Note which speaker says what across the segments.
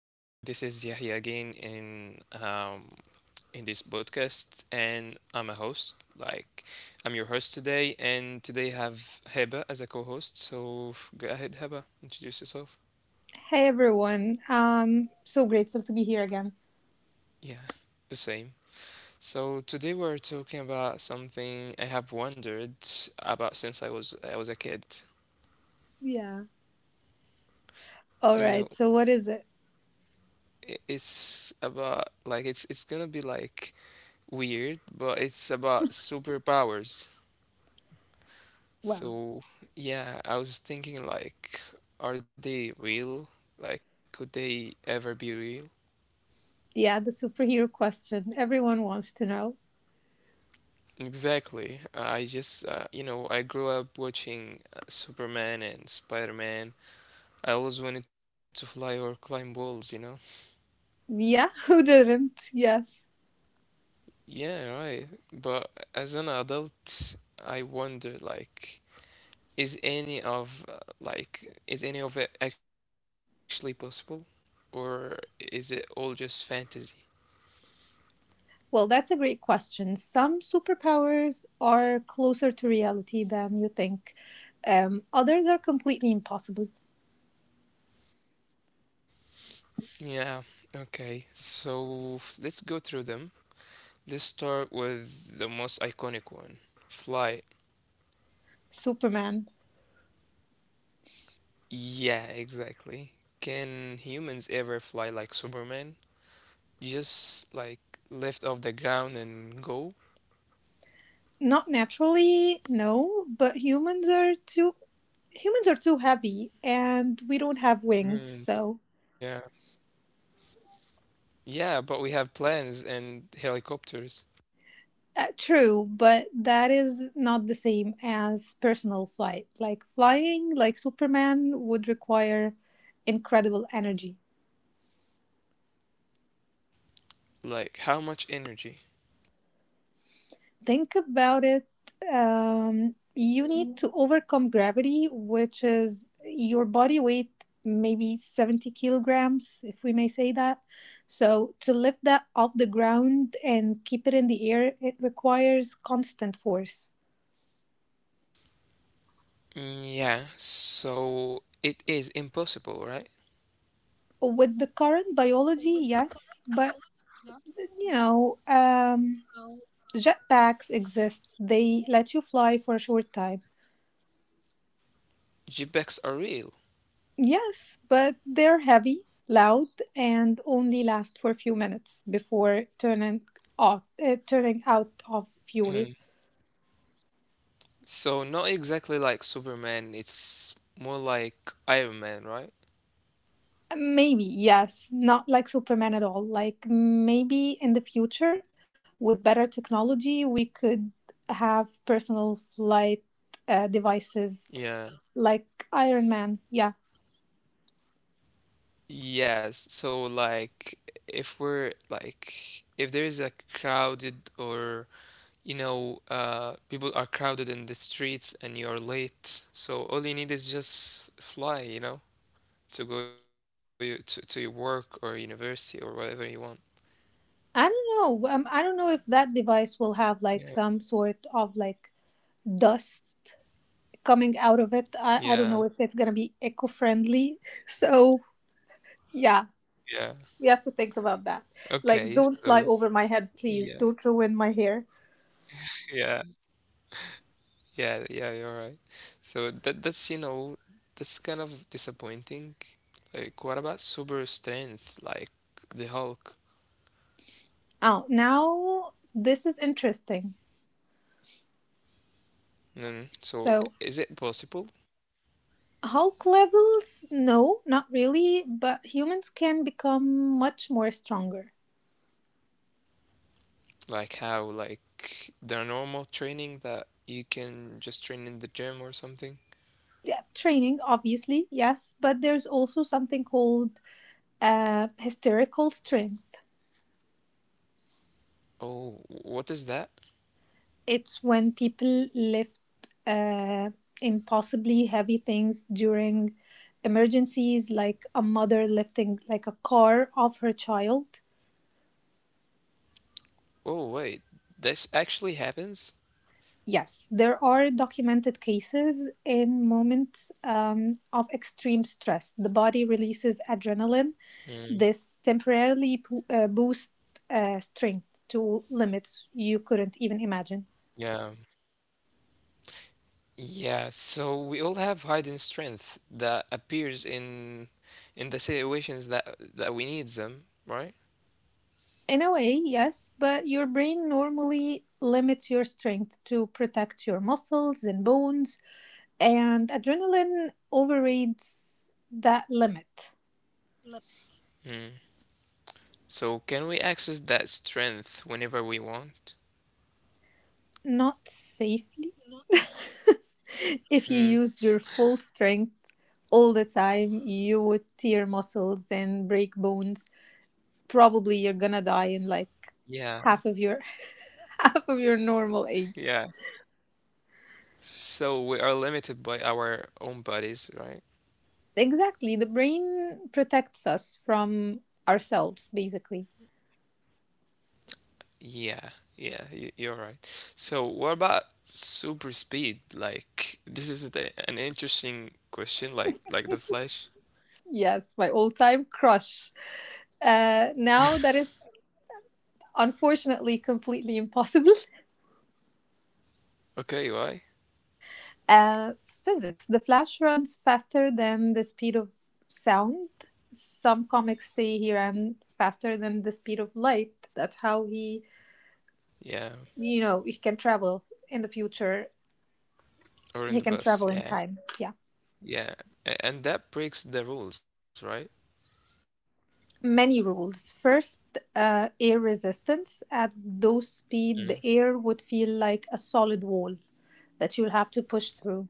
Speaker 1: This is Yahya again in this podcast, and I'm a host. Like, I'm your host today, and today I have Heba as a co-host. So go ahead, Heba, introduce yourself.
Speaker 2: Hey everyone. So grateful to be here again.
Speaker 1: Yeah, the same. So today we're talking about something I have wondered about since I was a kid.
Speaker 2: Yeah.
Speaker 1: You
Speaker 2: All
Speaker 1: know,
Speaker 2: right. So what is it?
Speaker 1: it's about like it's gonna be like weird, but it's about superpowers.
Speaker 2: Wow.
Speaker 1: So, yeah, I was thinking like, are they real? Like, could they ever be real?
Speaker 2: Yeah, the superhero question. Everyone wants to know.
Speaker 1: Exactly. I just, I grew up watching Superman and Spider-Man. I always wanted to fly or climb walls, you know?
Speaker 2: Yeah, who didn't? Yes.
Speaker 1: Yeah, right. But as an adult, I wonder, like, is any of, uh, is any of it actually possible? Or is it all just fantasy?
Speaker 2: Well, that's a great question. Some superpowers are closer to reality than you think. Others are completely impossible.
Speaker 1: Yeah, okay. So let's go through them. Let's start with the most iconic one, flight.
Speaker 2: Superman.
Speaker 1: Yeah, exactly. Can humans ever fly like Superman? Just like lift off the ground and go?
Speaker 2: Not naturally, no, but humans are too heavy, and we don't have wings, so.
Speaker 1: Mm, yeah. Yeah, but we have planes and helicopters.
Speaker 2: True, but that is not the same as personal flight. Like, flying like Superman would require incredible energy.
Speaker 1: Like, how much energy?
Speaker 2: Think about it. You need to overcome gravity, which is your body weight, maybe 70 kilograms, if we may say that. So, to lift that off the ground and keep it in the air, it requires constant force.
Speaker 1: Mm, yeah, so it is impossible, right?
Speaker 2: With the current biology, yes, but You know, um, jetpacks exist. They let you fly for a short time.
Speaker 1: Jetpacks are real.
Speaker 2: Yes, but they're heavy, loud, and only last for a few minutes before turning out of fuel.
Speaker 1: So not exactly like Superman, it's more like Iron Man, right?
Speaker 2: Maybe, yes, not like Superman at all. Like, maybe in the future, with better technology, we could have personal flight devices
Speaker 1: Yeah.
Speaker 2: like Iron Man. Yeah.
Speaker 1: Yes. So like if we're like if there is a crowded or you know people are crowded in the streets and you're late, so all you need is just fly, to go to your work or university or whatever you want.
Speaker 2: I don't know. I don't know if that device will have
Speaker 1: Yeah.
Speaker 2: like some sort of like dust coming out of it. I don't
Speaker 1: Yeah.
Speaker 2: know if it's gonna be eco-friendly. So yeah,
Speaker 1: Yeah.
Speaker 2: we have to think about that.
Speaker 1: Okay.
Speaker 2: Like, don't
Speaker 1: So
Speaker 2: fly over my head,
Speaker 1: yeah.
Speaker 2: please. Don't ruin my hair.
Speaker 1: Yeah. Yeah, yeah, you're right. So that that's you know that's kind of disappointing. Like, what about super strength, like the Hulk?
Speaker 2: Oh, now this is interesting.
Speaker 1: Mm, so
Speaker 2: So
Speaker 1: is it possible?
Speaker 2: Hulk levels? No, not really. But humans can become much more stronger.
Speaker 1: Like how, like the normal training that you can just train in the gym or something?
Speaker 2: Yeah, training, obviously, yes. But there's also something called hysterical strength.
Speaker 1: Oh, what is that?
Speaker 2: It's when people lift uh, impossibly heavy things during emergencies, like a mother lifting like a car off her child.
Speaker 1: Oh, wait, this actually happens?
Speaker 2: Yes, there are documented cases in moments of extreme stress. The body releases adrenaline.
Speaker 1: Mm,
Speaker 2: This temporarily boosts strength to limits you couldn't even imagine.
Speaker 1: yeah, yeah, so we all have hidden strength that appears in the situations that we need them, right?
Speaker 2: In a way, yes, but your brain normally limits your strength to protect your muscles and bones, and adrenaline overrides that limit.
Speaker 1: Li- Mm. So can we access that strength whenever we want?
Speaker 2: Not safely. If you
Speaker 1: Mm.
Speaker 2: used your full strength all the time, you would tear muscles and break bones. Probably you're gonna die in like
Speaker 1: Yeah,
Speaker 2: half of your half of your normal
Speaker 1: yeah.
Speaker 2: age.
Speaker 1: So we are limited by our own bodies, right?
Speaker 2: Exactly. The brain protects us from ourselves, basically.
Speaker 1: Yeah, yeah, you're right. So what about super speed? Like this is an interesting question, like the Flash.
Speaker 2: Yes, my all time crush. Now that is unfortunately completely impossible.
Speaker 1: Okay, why?
Speaker 2: Physics. The Flash runs faster than the speed of sound. Some comics say he ran faster than the speed of light. That's how he,
Speaker 1: Yeah,
Speaker 2: you know, he can travel in the future. He can
Speaker 1: or in
Speaker 2: travel
Speaker 1: the
Speaker 2: in
Speaker 1: bus.
Speaker 2: time.
Speaker 1: Yeah.
Speaker 2: Yeah.
Speaker 1: Yeah, and that breaks the rules, right?
Speaker 2: Many rules. First, air resistance. At low speed,
Speaker 1: Mm.
Speaker 2: the air would feel like a solid wall that you'll have to push through.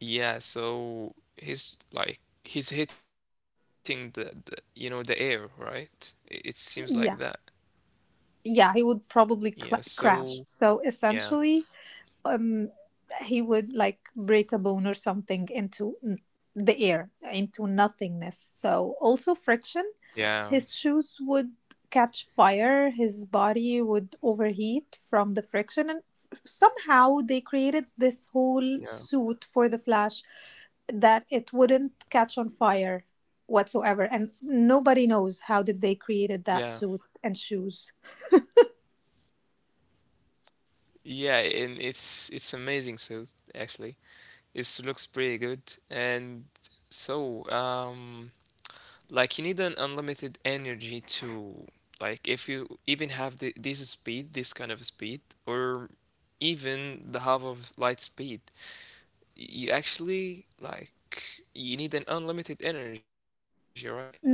Speaker 1: Yeah, so he's hitting the you know the air, right? It seems like that.
Speaker 2: Yeah, yeah, he would
Speaker 1: Yeah,
Speaker 2: probably cla
Speaker 1: so
Speaker 2: crash. So
Speaker 1: yeah,
Speaker 2: essentially, um, he would like break a bone or something the air, into nothingness. So, also
Speaker 1: yeah,
Speaker 2: friction. His shoes would catch fire, his body would overheat from the friction. And somehow they created this whole
Speaker 1: yeah,
Speaker 2: suit for the Flash that it wouldn't catch on fire whatsoever, and nobody knows how did they
Speaker 1: yeah,
Speaker 2: created that suit and shoes.
Speaker 1: yeah, and it's amazing. So actually, it looks pretty good, and so. Like you need an unlimited energy to, like, if you even have this speed, this kind of speed, or even the half of light speed, you actually, like, you need an unlimited energy, right?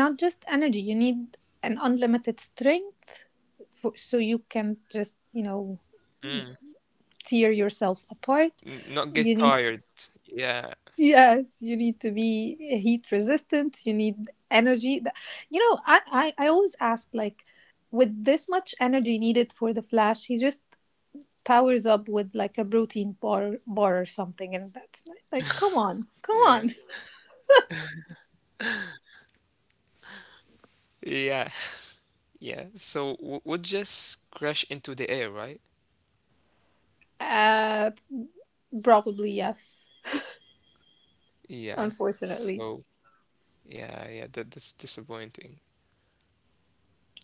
Speaker 2: Not just energy, you need an unlimited strength for, so you can just
Speaker 1: Mm.
Speaker 2: tear yourself
Speaker 1: Not
Speaker 2: apart.
Speaker 1: get tired.
Speaker 2: You need,
Speaker 1: Yeah,
Speaker 2: yes, you need to be heat resistant, you need energy. I, I always ask, like, with this much energy needed for the Flash, he just powers up with like a protein bar or something, and that's like, come on, come
Speaker 1: yeah,
Speaker 2: on.
Speaker 1: yeah, yeah. So w would just crash into the air, right?
Speaker 2: uh probably yes,
Speaker 1: Yeah.
Speaker 2: unfortunately.
Speaker 1: So yeah, yeah. That's disappointing.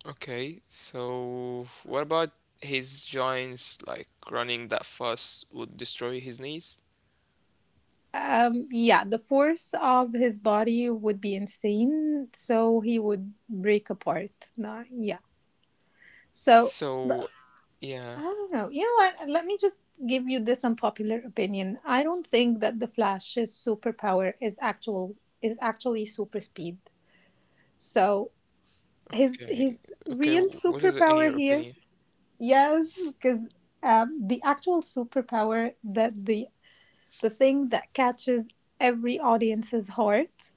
Speaker 1: Okay, so what about his joints? Like running that fast would destroy his knees.
Speaker 2: Yeah, the force of his body would be insane, so he would break apart. No, yeah. So
Speaker 1: So
Speaker 2: I
Speaker 1: yeah,
Speaker 2: don't know. You know what? Let me just give you this unpopular opinion. I don't think that the Flash's superpower is actually super speed. So his
Speaker 1: okay,
Speaker 2: his
Speaker 1: okay.
Speaker 2: real
Speaker 1: What is it in your
Speaker 2: superpower here,
Speaker 1: opinion?
Speaker 2: yes, because the actual superpower that the thing that catches every audience's heart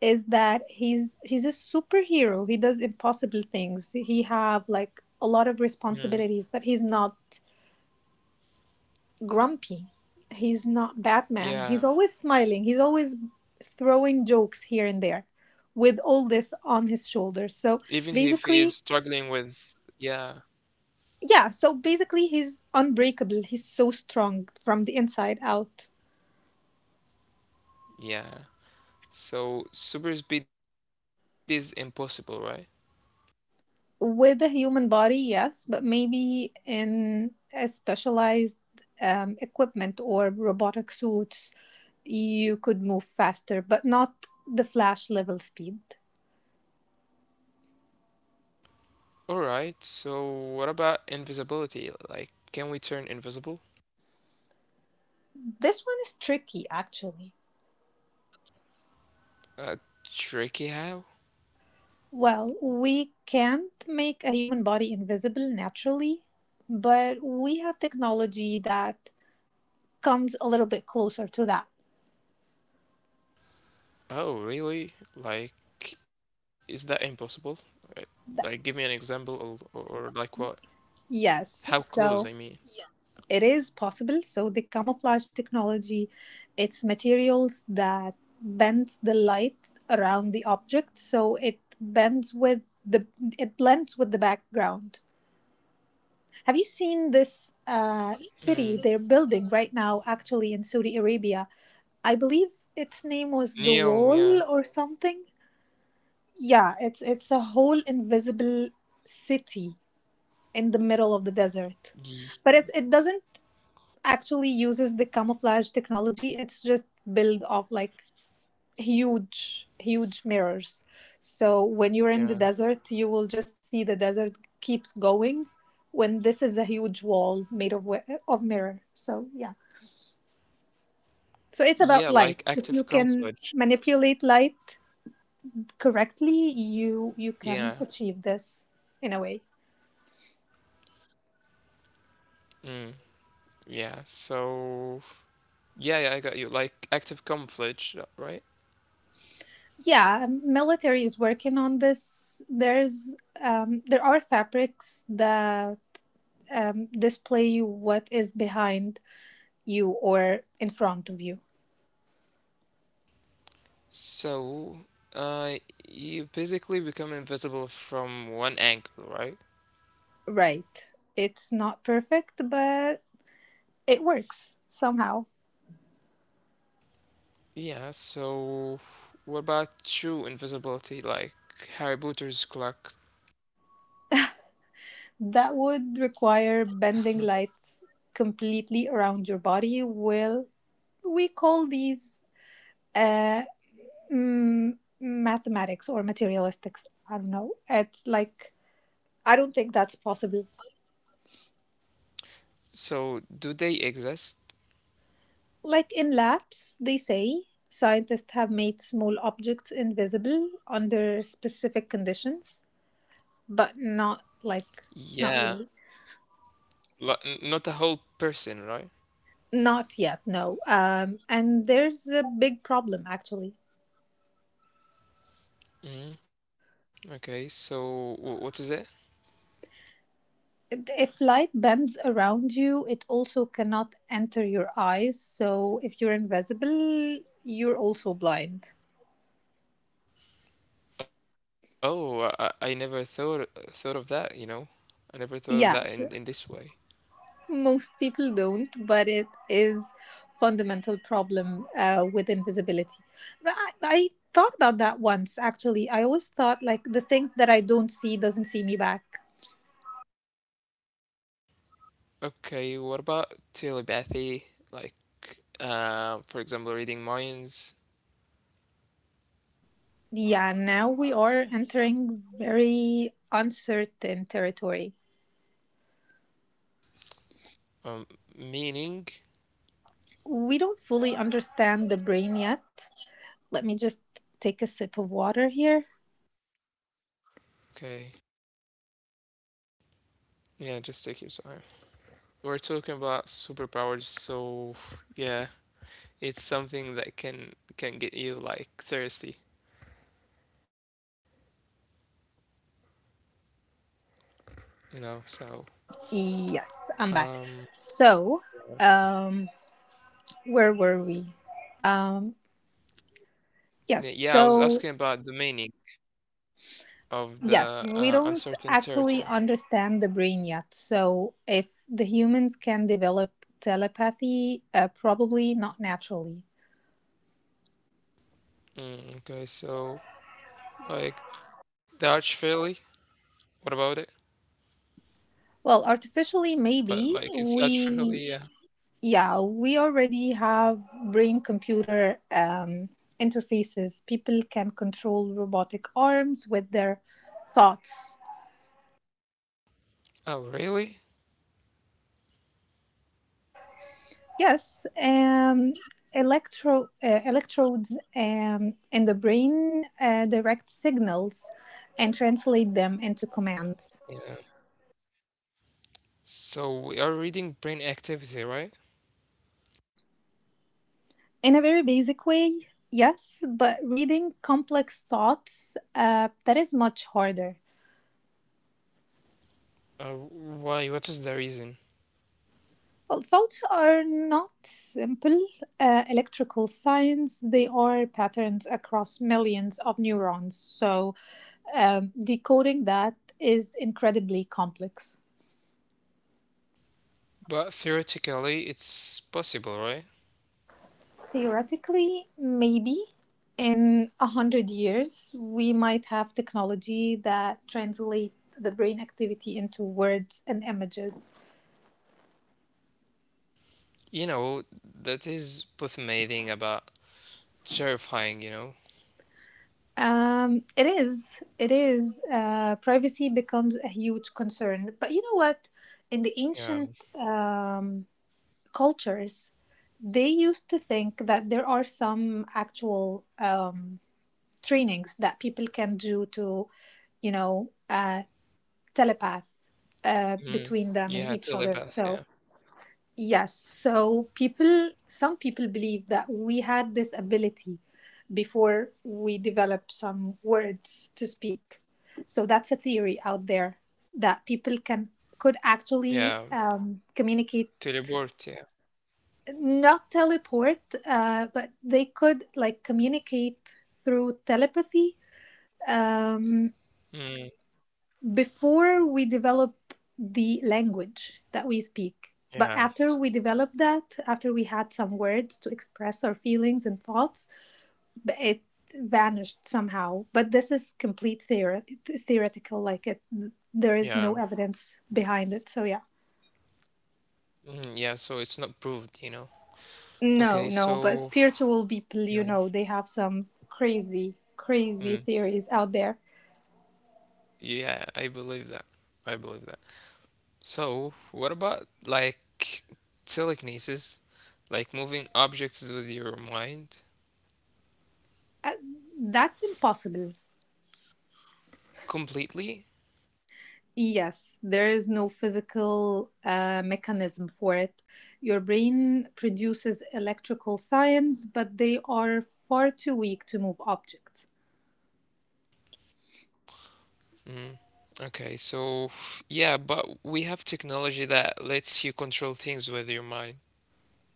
Speaker 2: is that he's a superhero. He does impossible things. He have like a lot of
Speaker 1: Mm.
Speaker 2: responsibilities, but he's not grumpy. He's not Batman.
Speaker 1: Yeah,
Speaker 2: He's always smiling. He's always throwing jokes here and there with all this on
Speaker 1: even
Speaker 2: his
Speaker 1: if he
Speaker 2: shoulders.
Speaker 1: is
Speaker 2: So
Speaker 1: struggling with.
Speaker 2: basically,
Speaker 1: Yeah,
Speaker 2: yeah, so basically he's unbreakable. He's so strong from the inside out.
Speaker 1: yeah. So super speed is impossible, right?
Speaker 2: With a human body, yes, but maybe in a specialized equipment or robotic suits, you could move faster, but not the Flash level speed.
Speaker 1: All right. So what about invisibility? Like, can we turn invisible?
Speaker 2: This one is tricky, actually.
Speaker 1: Uh, Tricky how?
Speaker 2: Well, we can't make a human body invisible naturally, but we have technology that comes a little bit closer to that.
Speaker 1: Oh, really? Like, is that impossible? Uh, Like, give me an example of, or like what? How
Speaker 2: Yes,
Speaker 1: close, I mean.
Speaker 2: so it is possible. So, the camouflage technology, it's materials that bends the light around the object, so the it blends with the background. Have you seen this
Speaker 1: Mm.
Speaker 2: city they're building right now, actually in Saudi Arabia? I believe its name was the
Speaker 1: Neom, yeah.
Speaker 2: Wall or something. Yeah, it's a whole invisible city in the middle of the desert,
Speaker 1: Y-
Speaker 2: but it doesn't actually uses the camouflage technology. It's just built of like huge, huge mirrors. So
Speaker 1: Yeah.
Speaker 2: when you're in the desert, you will just see the desert keeps going. When this is a huge wall made of mirror. So yeah. So it's
Speaker 1: Yeah,
Speaker 2: about
Speaker 1: like
Speaker 2: light. If
Speaker 1: active
Speaker 2: you can
Speaker 1: conflict.
Speaker 2: manipulate light correctly,
Speaker 1: Yeah.
Speaker 2: you can achieve this in a way.
Speaker 1: Mm. Yeah. So, yeah, yeah, I got you. Like active conflict, right?
Speaker 2: Yeah, military is working on this. There are fabrics that display what is behind you or in front of you.
Speaker 1: So, uh, you basically become invisible from one angle, right?
Speaker 2: Right. It's not perfect, but it works somehow.
Speaker 1: Yeah, so what about true invisibility, like Harry Potter's clock?
Speaker 2: That would require bending
Speaker 1: Mhm.
Speaker 2: lights completely around your body. Well, we call these uh, mm, mathematics or materialistics. I don't know. It's like, I don't think that's possible.
Speaker 1: So, do they exist?
Speaker 2: Like, in labs, they say, scientists have made small objects invisible under specific conditions, but not really.
Speaker 1: Yeah, like, not a whole person, right?
Speaker 2: Not yet, no. And there's a big problem actually.
Speaker 1: hmm Okay, so what is it?
Speaker 2: If light bends around you, it also cannot enter your eyes. So if you're invisible, you're also blind.
Speaker 1: Oh, I never thought of that. I never thought of
Speaker 2: Yeah,
Speaker 1: that in this way.
Speaker 2: most people don't, but it is fundamental problem with invisibility. But I thought about that once actually. I always thought like the things that I don't see doesn't see me back.
Speaker 1: Okay, what about telepathy? Like, for example, reading minds,
Speaker 2: Yeah, now we are entering very uncertain territory.
Speaker 1: um, meaning.
Speaker 2: We don't fully understand the brain yet. Let me just take a sip of water here.
Speaker 1: Okay, yeah, just take your time. We're talking about superpowers, so yeah, it's something that can get you like thirsty. So,
Speaker 2: Yes, I'm back.
Speaker 1: um,
Speaker 2: So, um, where were we? Um, yes,
Speaker 1: yeah, I was
Speaker 2: so
Speaker 1: asking about the meaning of the
Speaker 2: Yes, we
Speaker 1: uncertain
Speaker 2: don't
Speaker 1: territory.
Speaker 2: actually understand the brain yet. So, if the humans can develop telepathy, probably not naturally.
Speaker 1: Mm, okay, so like the arch fairly, what about it?
Speaker 2: Well, artificially, maybe.
Speaker 1: But like it's arch fairly, yeah.
Speaker 2: Yeah, we already have brain computer interfaces. People can control robotic arms with their thoughts.
Speaker 1: Oh, really?
Speaker 2: Yes, electrodes in the brain direct signals and translate them into
Speaker 1: Yeah.
Speaker 2: commands.
Speaker 1: So we are reading brain activity, right?
Speaker 2: In a very basic way, yes, but reading complex thoughts that is much harder.
Speaker 1: Why? What is the reason?
Speaker 2: Well, thoughts are not simple electrical signs. They are patterns across millions of neurons. So decoding that is incredibly complex.
Speaker 1: But theoretically, it's possible, right?
Speaker 2: Theoretically, maybe in 100 years we might have technology that translate the brain activity into words and images.
Speaker 1: You know, that is both amazing about terrifying, you know?
Speaker 2: It is, it is. Privacy becomes a huge concern. But you know what? In the
Speaker 1: Yeah.
Speaker 2: ancient um, cultures, they used to think that there are some actual trainings that people can do to, you know, uh, telepath
Speaker 1: Mm.
Speaker 2: between them and
Speaker 1: Yeah,
Speaker 2: each other.
Speaker 1: telepath,
Speaker 2: So,
Speaker 1: yeah.
Speaker 2: yes, some people believe that we had this ability before we developed some words to speak. So, that's a theory out there that people can could actually
Speaker 1: Yeah,
Speaker 2: communicate,
Speaker 1: teleport, yeah.
Speaker 2: not teleport, but they could like communicate through telepathy. Um,
Speaker 1: Mm,
Speaker 2: Before we develop the language that we speak. But
Speaker 1: yeah,
Speaker 2: after we developed that, after we had some words to express our feelings and thoughts, it vanished somehow. But this is complete theoretical, like,
Speaker 1: yeah.
Speaker 2: there is no evidence behind it. So yeah,
Speaker 1: Mm, yeah, so it's not proved. Okay,
Speaker 2: no, no.
Speaker 1: so
Speaker 2: But spiritual people,
Speaker 1: yeah.
Speaker 2: they have some crazy, crazy
Speaker 1: Mm,
Speaker 2: theories out there.
Speaker 1: yeah, I believe that. I believe that. So, what about like telekinesis? Like moving objects with your mind
Speaker 2: Uh, that's impossible.
Speaker 1: completely?
Speaker 2: Yes, there is no physical mechanism for it. Your brain produces electrical signs, but they are far too weak to move objects.
Speaker 1: Mm. Okay, so yeah, but we have technology that lets you control things with your mind.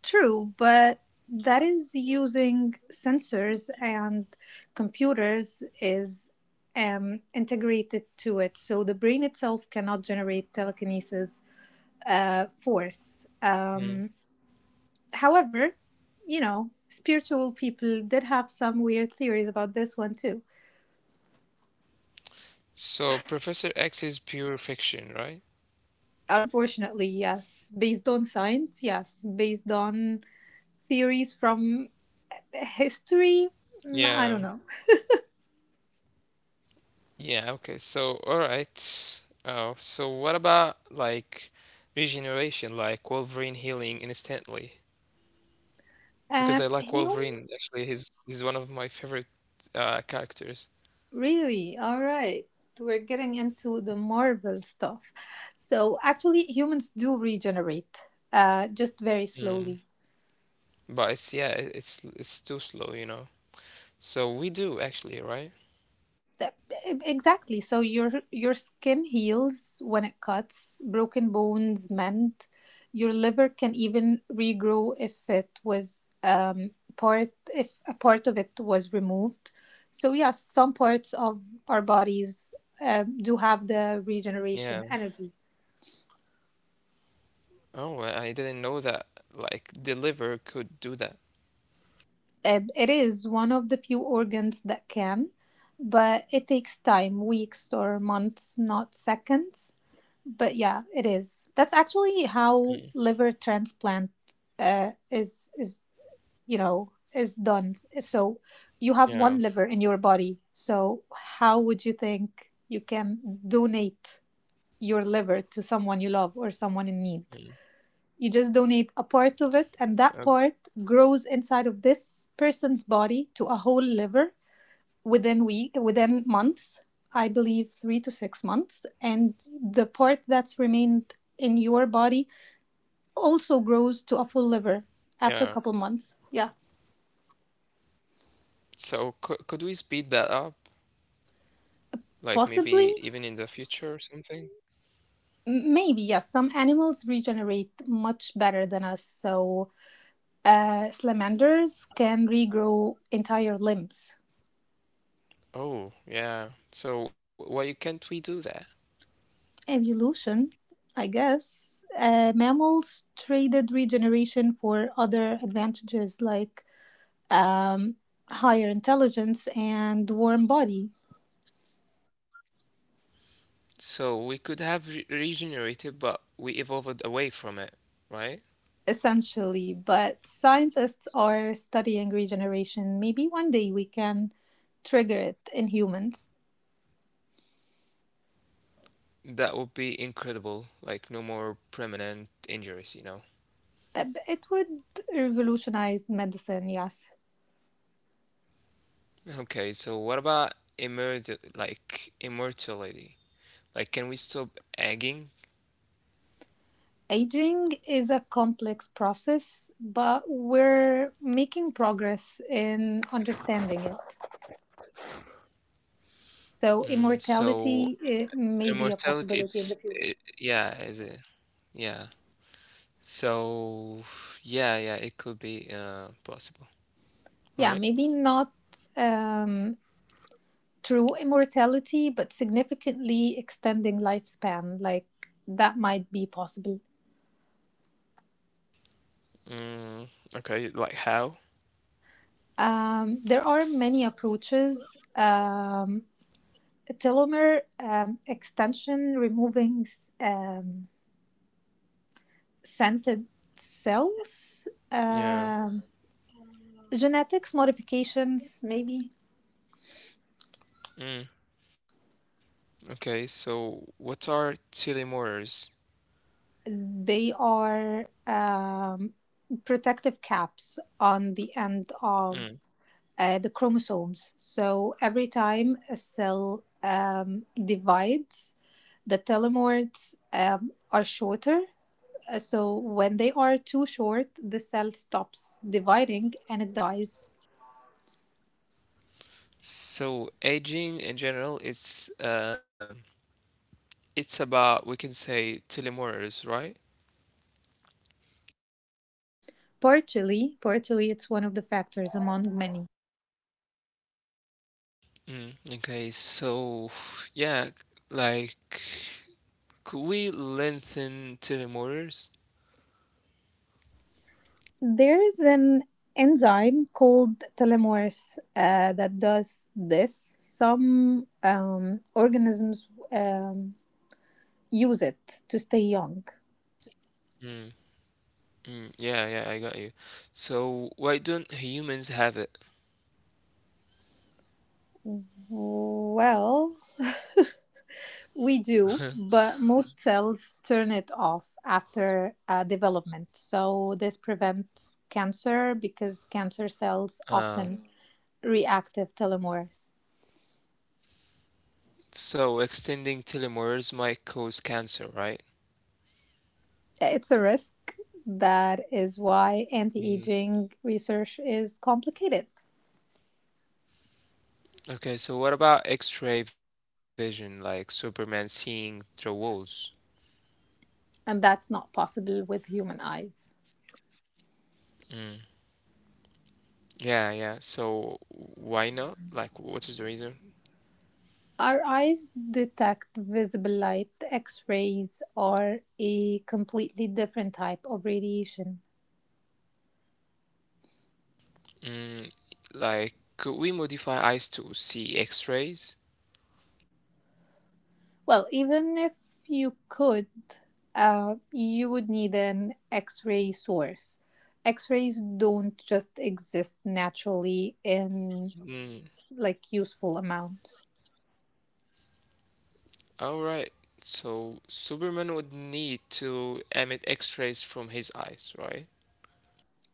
Speaker 2: True, but that is using sensors, and computers is integrated to it. So the brain itself cannot generate telekinesis force.
Speaker 1: Mm.
Speaker 2: However, spiritual people did have some weird theories about this one too.
Speaker 1: So Professor X is pure fiction, right?
Speaker 2: Unfortunately, yes. Based on science, yes. Based on theories from history, I
Speaker 1: Yeah.
Speaker 2: don't know.
Speaker 1: Yeah, okay. So, all right. Oh, so what about like regeneration, like Wolverine healing instantly? Because I like
Speaker 2: Hume?
Speaker 1: Wolverine. Actually, he's one of my favorite characters.
Speaker 2: Really? All right. We're getting into the Marvel stuff. So, actually, humans do regenerate, just very slowly.
Speaker 1: Mm. But it's yeah, it's too slow. So we do actually, right?
Speaker 2: Th- Exactly. So your skin heals when it cuts, broken bones mend, your liver can even regrow if a part of it was removed. So yes, some parts of our bodies do have
Speaker 1: Yeah.
Speaker 2: the regeneration energy.
Speaker 1: Oh, I didn't know that like the liver could do that.
Speaker 2: It is one of the few organs that can, but it takes time, weeks or months, not seconds. But yeah, it is. That's
Speaker 1: Mm.
Speaker 2: actually how liver transplant is is done. So you
Speaker 1: Yeah.
Speaker 2: have one liver in your body. So how would you think you can donate your liver to someone you love or
Speaker 1: Mm.
Speaker 2: someone in need? You just donate a part of it,
Speaker 1: Uh,
Speaker 2: and that part grows inside of this person's body to a whole liver, within months I believe 3 to 6 months, and the part that's remained in your body also grows to a full liver
Speaker 1: yeah.
Speaker 2: after a couple months, yeah.
Speaker 1: So could we speed that up? Like
Speaker 2: Possibly,
Speaker 1: maybe even in the future or something?
Speaker 2: maybe, yes, some animals regenerate much better than us. So salamanders can regrow entire limbs.
Speaker 1: Oh, yeah. So why can't we do that?
Speaker 2: Evolution, I guess. Mammals traded regeneration for other advantages, like um, higher intelligence and warm body,
Speaker 1: So we could have regenerated, but we evolved away from it, right?
Speaker 2: essentially. But scientists are studying regeneration. Maybe one day we can trigger it in humans.
Speaker 1: That would be incredible. Like no more permanent injuries.
Speaker 2: It would revolutionize medicine, yes.
Speaker 1: Okay, so what about immortal, like immortality? Like, can we stop egging?
Speaker 2: Aging is a complex process, but we're making progress in understanding it. So,
Speaker 1: Mm, so
Speaker 2: immortality may be a
Speaker 1: immortality,
Speaker 2: possibility in
Speaker 1: it's
Speaker 2: the future.
Speaker 1: it, yeah, is it? Yeah. So yeah, yeah, it could be possible,
Speaker 2: Yeah,
Speaker 1: right?
Speaker 2: maybe not um, true immortality, but significantly extending lifespan. Like, that might be possible.
Speaker 1: Mm, okay, like how?
Speaker 2: There are many approaches. Telomere extension, removing um, scented cells,
Speaker 1: Yeah.
Speaker 2: genetics modifications, maybe.
Speaker 1: Mm, okay, so what are telomeres?
Speaker 2: They are protective caps on the end of
Speaker 1: Mm.
Speaker 2: the chromosomes. So every time a cell divides, the telomeres are shorter. So when they are too short, the cell stops dividing and it dies.
Speaker 1: So aging in general, it's about we can say telomeres, right?
Speaker 2: Partially, partially, it's one of the factors among many.
Speaker 1: Mm, okay, so yeah, like could we lengthen telomeres?
Speaker 2: There is an enzyme called telomerase that does this. Some organisms use it to stay young.
Speaker 1: Mm, mm, yeah, yeah, I got you. So why don't humans have it?
Speaker 2: Well, we do, but most cells turn it off after development. So this prevents cancer because cancer cells
Speaker 1: Uh,
Speaker 2: often reactive telomeres.
Speaker 1: so extending telomeres might cause cancer, right?
Speaker 2: It's a risk. That is why
Speaker 1: Mm.
Speaker 2: anti-aging research is complicated,
Speaker 1: Okay, so what about X-ray vision, like Superman seeing through walls?
Speaker 2: and that's not possible with human eyes.
Speaker 1: Mm. Yeah, yeah. So why not? Like, what is the reason?
Speaker 2: Our eyes detect visible light. X rays are a completely different type of radiation.
Speaker 1: Mm, like, could we modify eyes to see X-rays?
Speaker 2: Well, even if you could, you would need an X ray source. X rays don't just exist naturally in
Speaker 1: Mm.
Speaker 2: like useful amounts,
Speaker 1: All right. So Superman would need to emit X-rays from his eyes, right?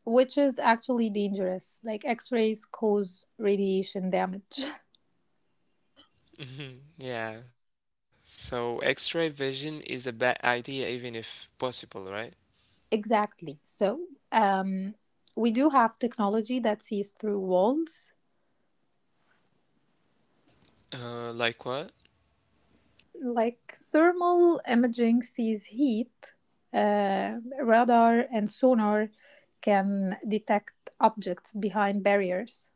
Speaker 2: which is actually dangerous. Like, X rays cause radiation damage.
Speaker 1: Mhm. Yeah. So X-ray vision is a bad idea, even if possible, right?
Speaker 2: Exactly. So, um, we do have technology that sees through walls,
Speaker 1: Like what?
Speaker 2: like thermal imaging sees heat. Radar and sonar can detect objects behind barriers.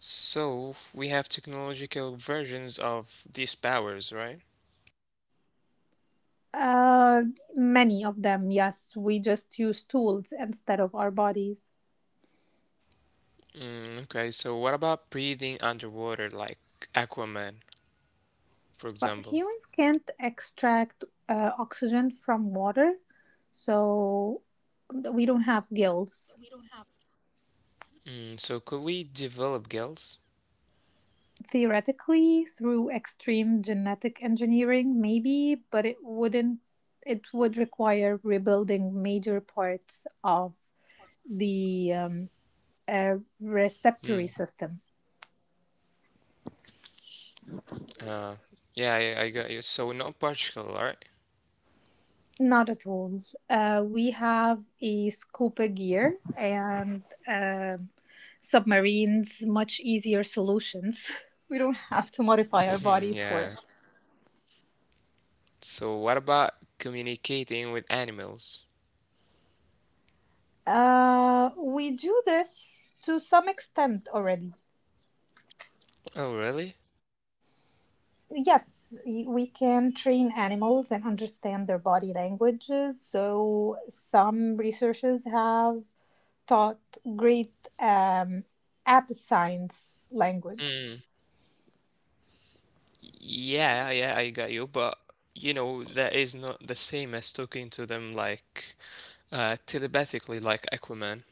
Speaker 1: So we have technological versions of these powers, right?
Speaker 2: Uh, Many of them, yes. We just use tools instead of our bodies.
Speaker 1: Mm, okay, so what about breathing underwater, like Aquaman, for
Speaker 2: But
Speaker 1: example?
Speaker 2: humans can't extract oxygen from water, so we don't have gills.
Speaker 1: Mm, so could we develop gills?
Speaker 2: Theoretically, through extreme genetic engineering, maybe, but it wouldn't it would require rebuilding major parts of the uh, receptory
Speaker 1: Mm,
Speaker 2: system.
Speaker 1: uh, yeah, I got you. So no particle, right?
Speaker 2: Not at all. We have a scuba gear and submarines, much easier solutions. We don't have to modify our bodies for it.
Speaker 1: Yeah. So what about communicating with animals?
Speaker 2: We do this to some extent already.
Speaker 1: Oh, really?
Speaker 2: Yes, we can train animals and understand their body languages. So some researchers have taught great um, app science language.
Speaker 1: Mm, yeah, yeah, I got you, but that is not the same as talking to them like telepathically, like Aquaman.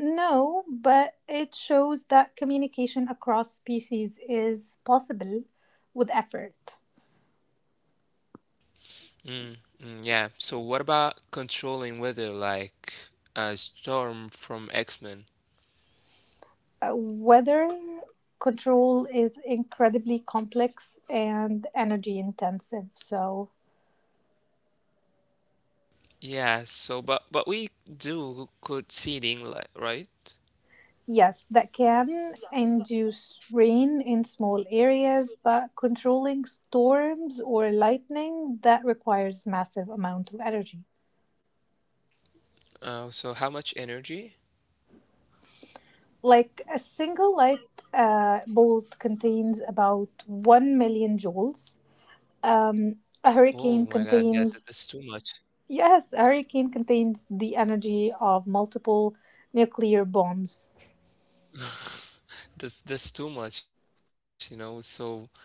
Speaker 2: No, but it shows that communication across species is possible, with effort.
Speaker 1: Mm, mm, yeah. So what about controlling weather, like Storm from X-Men?
Speaker 2: Uh, Weather control is incredibly complex and energy intensive. So
Speaker 1: Yeah. So, but we do could see the inlet, right?
Speaker 2: yes, that can induce rain in small areas, but controlling storms or lightning, that requires massive amount of energy.
Speaker 1: So how much energy?
Speaker 2: Like, a single light bolt contains about 1 million joules. Um, a
Speaker 1: Oh my
Speaker 2: hurricane
Speaker 1: God, yeah, that's too
Speaker 2: contains,
Speaker 1: much.
Speaker 2: yes, a hurricane contains the energy of multiple nuclear bombs.
Speaker 1: That's too much. So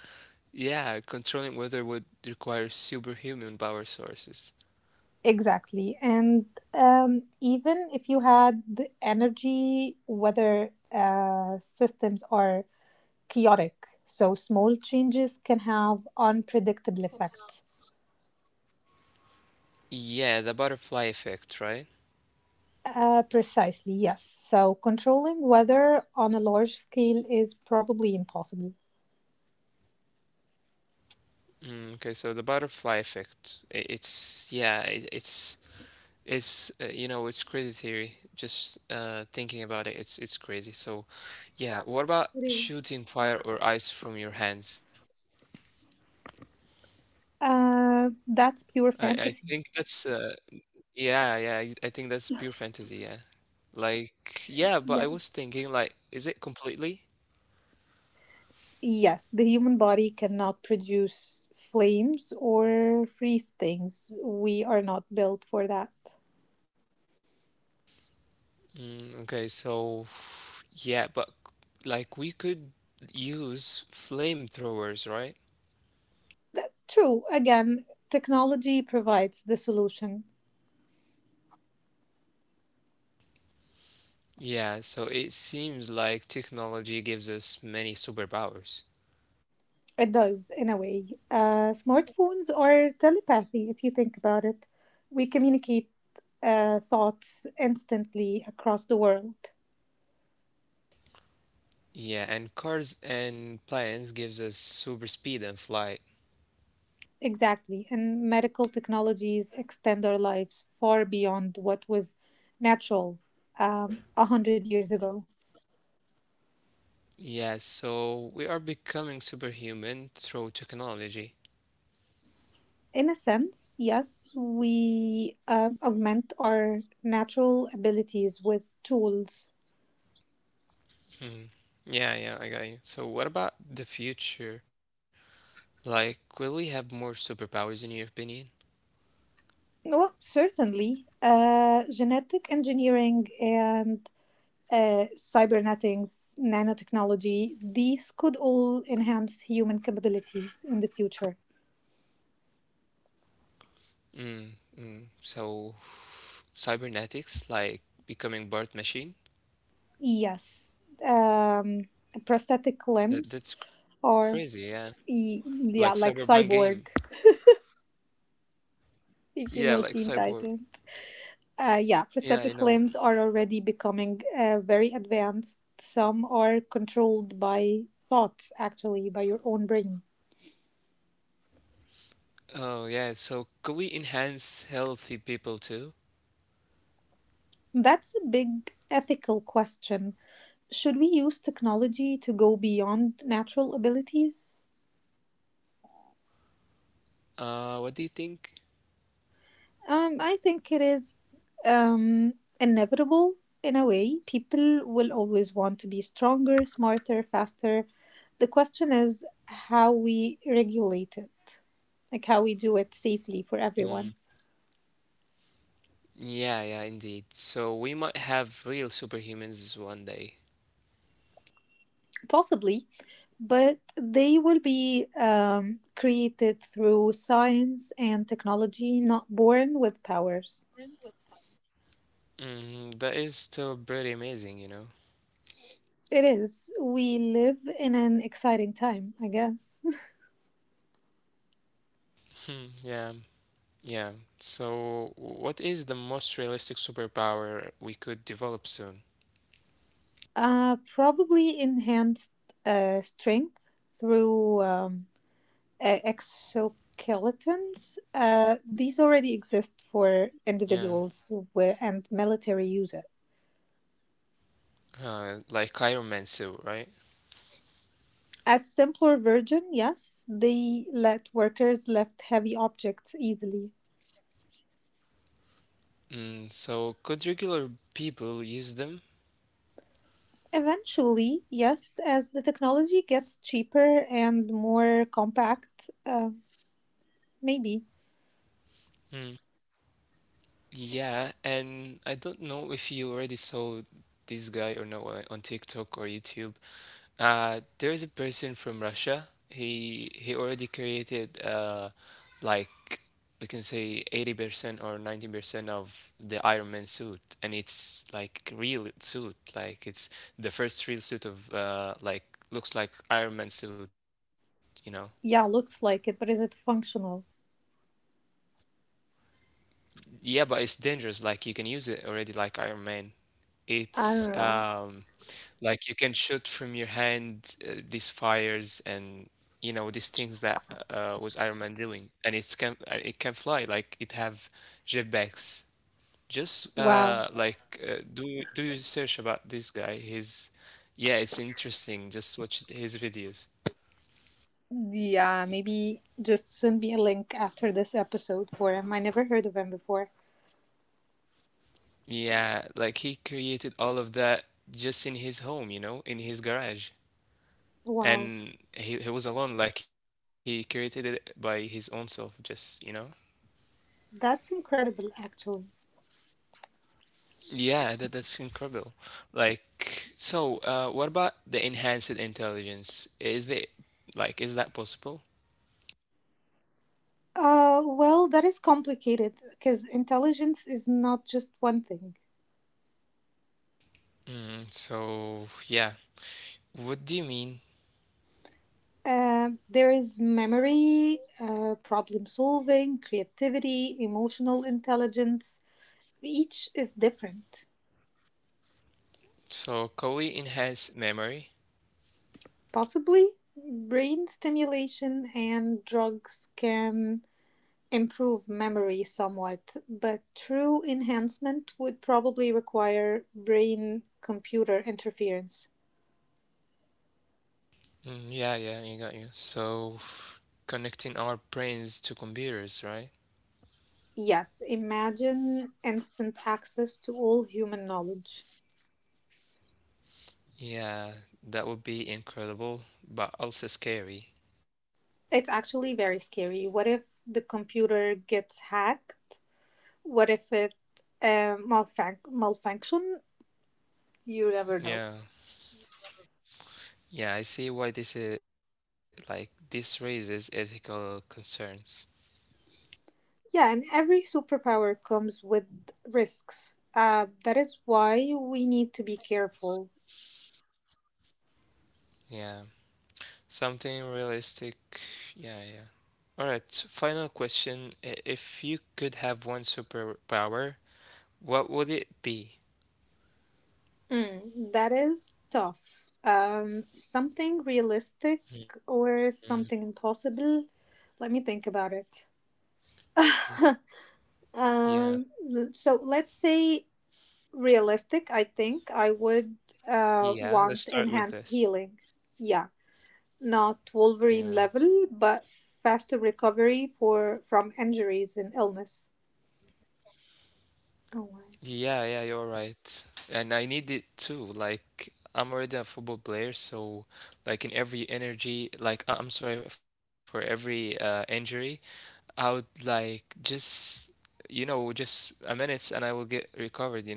Speaker 1: yeah, controlling weather would require superhuman power sources.
Speaker 2: Exactly. And even if you had the energy, weather systems are chaotic. So small changes can have unpredictable effect.
Speaker 1: Yeah, the butterfly effect, right?
Speaker 2: Precisely, yes. So controlling weather on a large scale is probably impossible.
Speaker 1: Mm, okay, so the butterfly effect. It's, yeah, it, it's you know it's crazy theory. Just thinking about it, it's crazy. So yeah, what about
Speaker 2: It
Speaker 1: shooting
Speaker 2: is.
Speaker 1: fire or ice from your hands?
Speaker 2: That's
Speaker 1: I
Speaker 2: pure
Speaker 1: I
Speaker 2: fantasy.
Speaker 1: think that's yeah yeah. I think that's pure fantasy. Yeah, like yeah. But I was
Speaker 2: Yes.
Speaker 1: thinking like, is it completely?
Speaker 2: Yes, the human body cannot produce flames or freeze things. We are not built for that.
Speaker 1: Mm, okay, so yeah, but like we could use flamethrowers, right?
Speaker 2: That- true. Again, technology provides the solution.
Speaker 1: Yeah, so it seems like technology gives us many superpowers.
Speaker 2: It does, in a way. Smartphones are telepathy, if you think about it. We communicate thoughts instantly across the world.
Speaker 1: Yeah, and cars and planes gives us super speed and flight.
Speaker 2: Exactly. And medical technologies extend our lives far beyond what was natural 100 years ago.
Speaker 1: Yeah, so we are becoming superhuman through technology.
Speaker 2: In a sense, yes, we augment our natural abilities with tools.
Speaker 1: Mhm. Yeah, yeah, I got you. So what about the future? Like, will we have more superpowers in your opinion?
Speaker 2: Well, certainly. Genetic engineering and cybernetics, nanotechnology, these could all enhance human capabilities in the future.
Speaker 1: Mm, mm. So cybernetics, like becoming part machine?
Speaker 2: Yes. Um, Prosthetic
Speaker 1: That
Speaker 2: limbs
Speaker 1: that's crazy, yeah.
Speaker 2: or,
Speaker 1: Like Cyberpunk
Speaker 2: yeah, like
Speaker 1: game.
Speaker 2: cyborg,
Speaker 1: Yeah, like
Speaker 2: if you know
Speaker 1: cyborg.
Speaker 2: Teen Titan. Yeah,
Speaker 1: Yeah, I know.
Speaker 2: prosthetic limbs are already becoming very advanced. Some are controlled by thoughts, actually, by your own brain.
Speaker 1: Oh, yeah. So could we enhance healthy people too?
Speaker 2: That's a big ethical question. Should we use technology to go beyond natural abilities?
Speaker 1: What do you think?
Speaker 2: I think it is inevitable, in a way. People will always want to be stronger, smarter, faster. The question is how we regulate it, like how we do it safely for
Speaker 1: Mm.
Speaker 2: everyone.
Speaker 1: Yeah, yeah, indeed. So we might have real superhumans one day.
Speaker 2: Possibly, but they will be created through science and technology, not born with powers.
Speaker 1: Mm, that is still pretty amazing.
Speaker 2: It is. We live in an exciting time, I guess.
Speaker 1: Hmm, yeah, yeah. So what is the most realistic superpower we could develop soon?
Speaker 2: Probably enhanced strength through exoskeletons. These already exist for
Speaker 1: Yeah,
Speaker 2: individuals where, and military use it.
Speaker 1: like Iron Man suit, right?
Speaker 2: A simpler version, yes, they let workers lift heavy objects easily.
Speaker 1: Mm, so could regular people use them?
Speaker 2: Eventually, yes, as the technology gets cheaper and more compact, maybe.
Speaker 1: Yeah, and I don't know if you already saw this guy or not on TikTok or YouTube. There is a person from Russia. He already created like we can say 80% or 90% of the Iron Man suit and it's like real suit like it's the first real suit of like looks like Iron Man suit.
Speaker 2: Yeah, looks like it, but is it functional?
Speaker 1: Yeah, but it's dangerous like you can use it already like Iron Man.
Speaker 2: I
Speaker 1: It's,
Speaker 2: don't know.
Speaker 1: like you can shoot from your hand these fires and these things that was Iron Man doing, and it can fly like it have jetpacks. Just
Speaker 2: Wow.
Speaker 1: like do your search about this guy. His Yeah, it's interesting. Just watch his videos.
Speaker 2: Yeah, maybe just send me a link after this episode for him. I never heard of him before.
Speaker 1: Yeah, like he created all of that just in his home, in his garage.
Speaker 2: Wow.
Speaker 1: And he was alone, like he created it by his own self, just, you know?
Speaker 2: That's incredible, actually.
Speaker 1: Yeah, that's incredible. Like, so, what about the enhanced intelligence? Is the Like, is that possible?
Speaker 2: Well, that is complicated because intelligence is not just one thing.
Speaker 1: Mm, so, yeah. What do you mean?
Speaker 2: There is memory, problem solving, creativity, emotional intelligence. Each is different.
Speaker 1: So, can we enhance memory?
Speaker 2: Possibly, brain stimulation and drugs can improve memory somewhat, but true enhancement would probably require brain computer interference.
Speaker 1: Mm, yeah, yeah, you got you. So, connecting our brains to computers, right?
Speaker 2: Yes, imagine instant access to all human knowledge.
Speaker 1: Yeah, that would be incredible, but also scary.
Speaker 2: It's actually very scary. What if the computer gets hacked? What if it malfunction? You never know.
Speaker 1: Yeah. Yeah, I see why this is like this raises ethical concerns.
Speaker 2: Yeah, and every superpower comes with risks. That is why we need to be careful.
Speaker 1: Yeah. Something realistic. Yeah, yeah. All right, final question. If you could have one superpower, what would it be?
Speaker 2: Mm, that is tough. Something realistic
Speaker 1: Mhm.
Speaker 2: or something impossible? Let me think about it.
Speaker 1: Yeah,
Speaker 2: Um, so let's say realistic. I think I would
Speaker 1: yeah, let's start
Speaker 2: want
Speaker 1: with this.
Speaker 2: enhanced healing. Yeah, not Wolverine
Speaker 1: Yeah.
Speaker 2: level, but faster recovery for from injuries and illness. Oh wow.
Speaker 1: Yeah, yeah, you're right. And I need it too. Like, I'm already a football player, so like in every energy, like I'm sorry for every injury, I would like just you know just a minute and I will get recovered.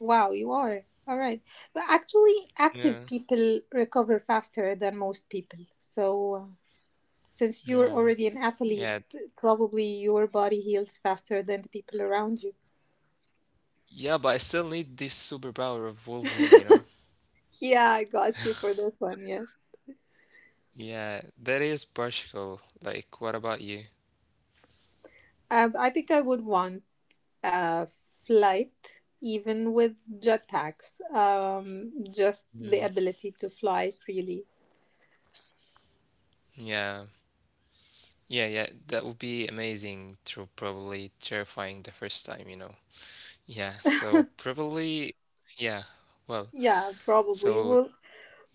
Speaker 2: Wow, you are. All right. But actually,
Speaker 1: Yeah.
Speaker 2: active people recover faster than most people. So, since
Speaker 1: Yeah.
Speaker 2: you're already an
Speaker 1: Yeah,
Speaker 2: athlete, probably your body heals faster than the people around you.
Speaker 1: yeah, but I still need this superpower of Wolverine, you know?
Speaker 2: Yeah, I got you for this one. Yes.
Speaker 1: Yeah, that is practical. Like, what about you?
Speaker 2: I think I would want a flight, even with jetpacks. Just the
Speaker 1: Mm.
Speaker 2: ability to fly freely.
Speaker 1: Yeah, yeah, yeah, that would be amazing to probably terrifying the first time, you know? Yeah, so probably, yeah, well,
Speaker 2: Yeah, probably.
Speaker 1: so
Speaker 2: Well,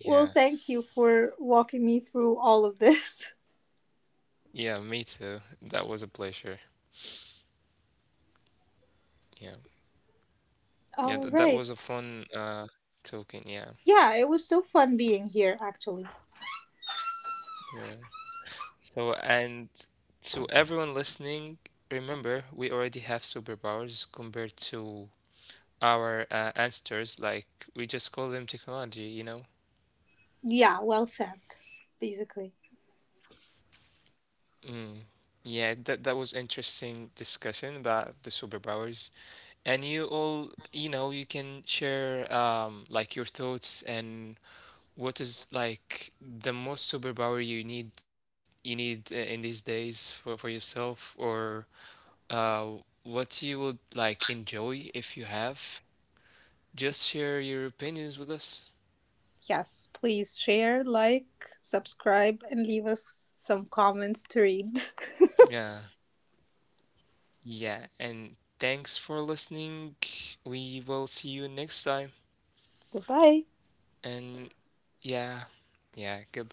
Speaker 2: well, thank you for walking me through all of this.
Speaker 1: yeah, me too. That was a pleasure. Yeah, yeah,
Speaker 2: All
Speaker 1: th that was a
Speaker 2: right.
Speaker 1: fun talking, yeah,
Speaker 2: Yeah, it was so fun being here, actually.
Speaker 1: yeah. So, and to everyone listening, remember we already have superpowers compared to our ancestors. Like we just call them technology.
Speaker 2: Yeah, well said, basically.
Speaker 1: Mm. Yeah, that was interesting discussion about the superpowers. And you all, you can share like your thoughts and what is like the most superpower you need in these days for yourself or uh, what you would like enjoy if you have. Just share your opinions with us.
Speaker 2: Yes, please share, like, subscribe, and leave us some comments to read.
Speaker 1: Yeah, yeah, and thanks for listening. We will see you next time.
Speaker 2: Goodbye.
Speaker 1: And yeah, yeah, goodbye.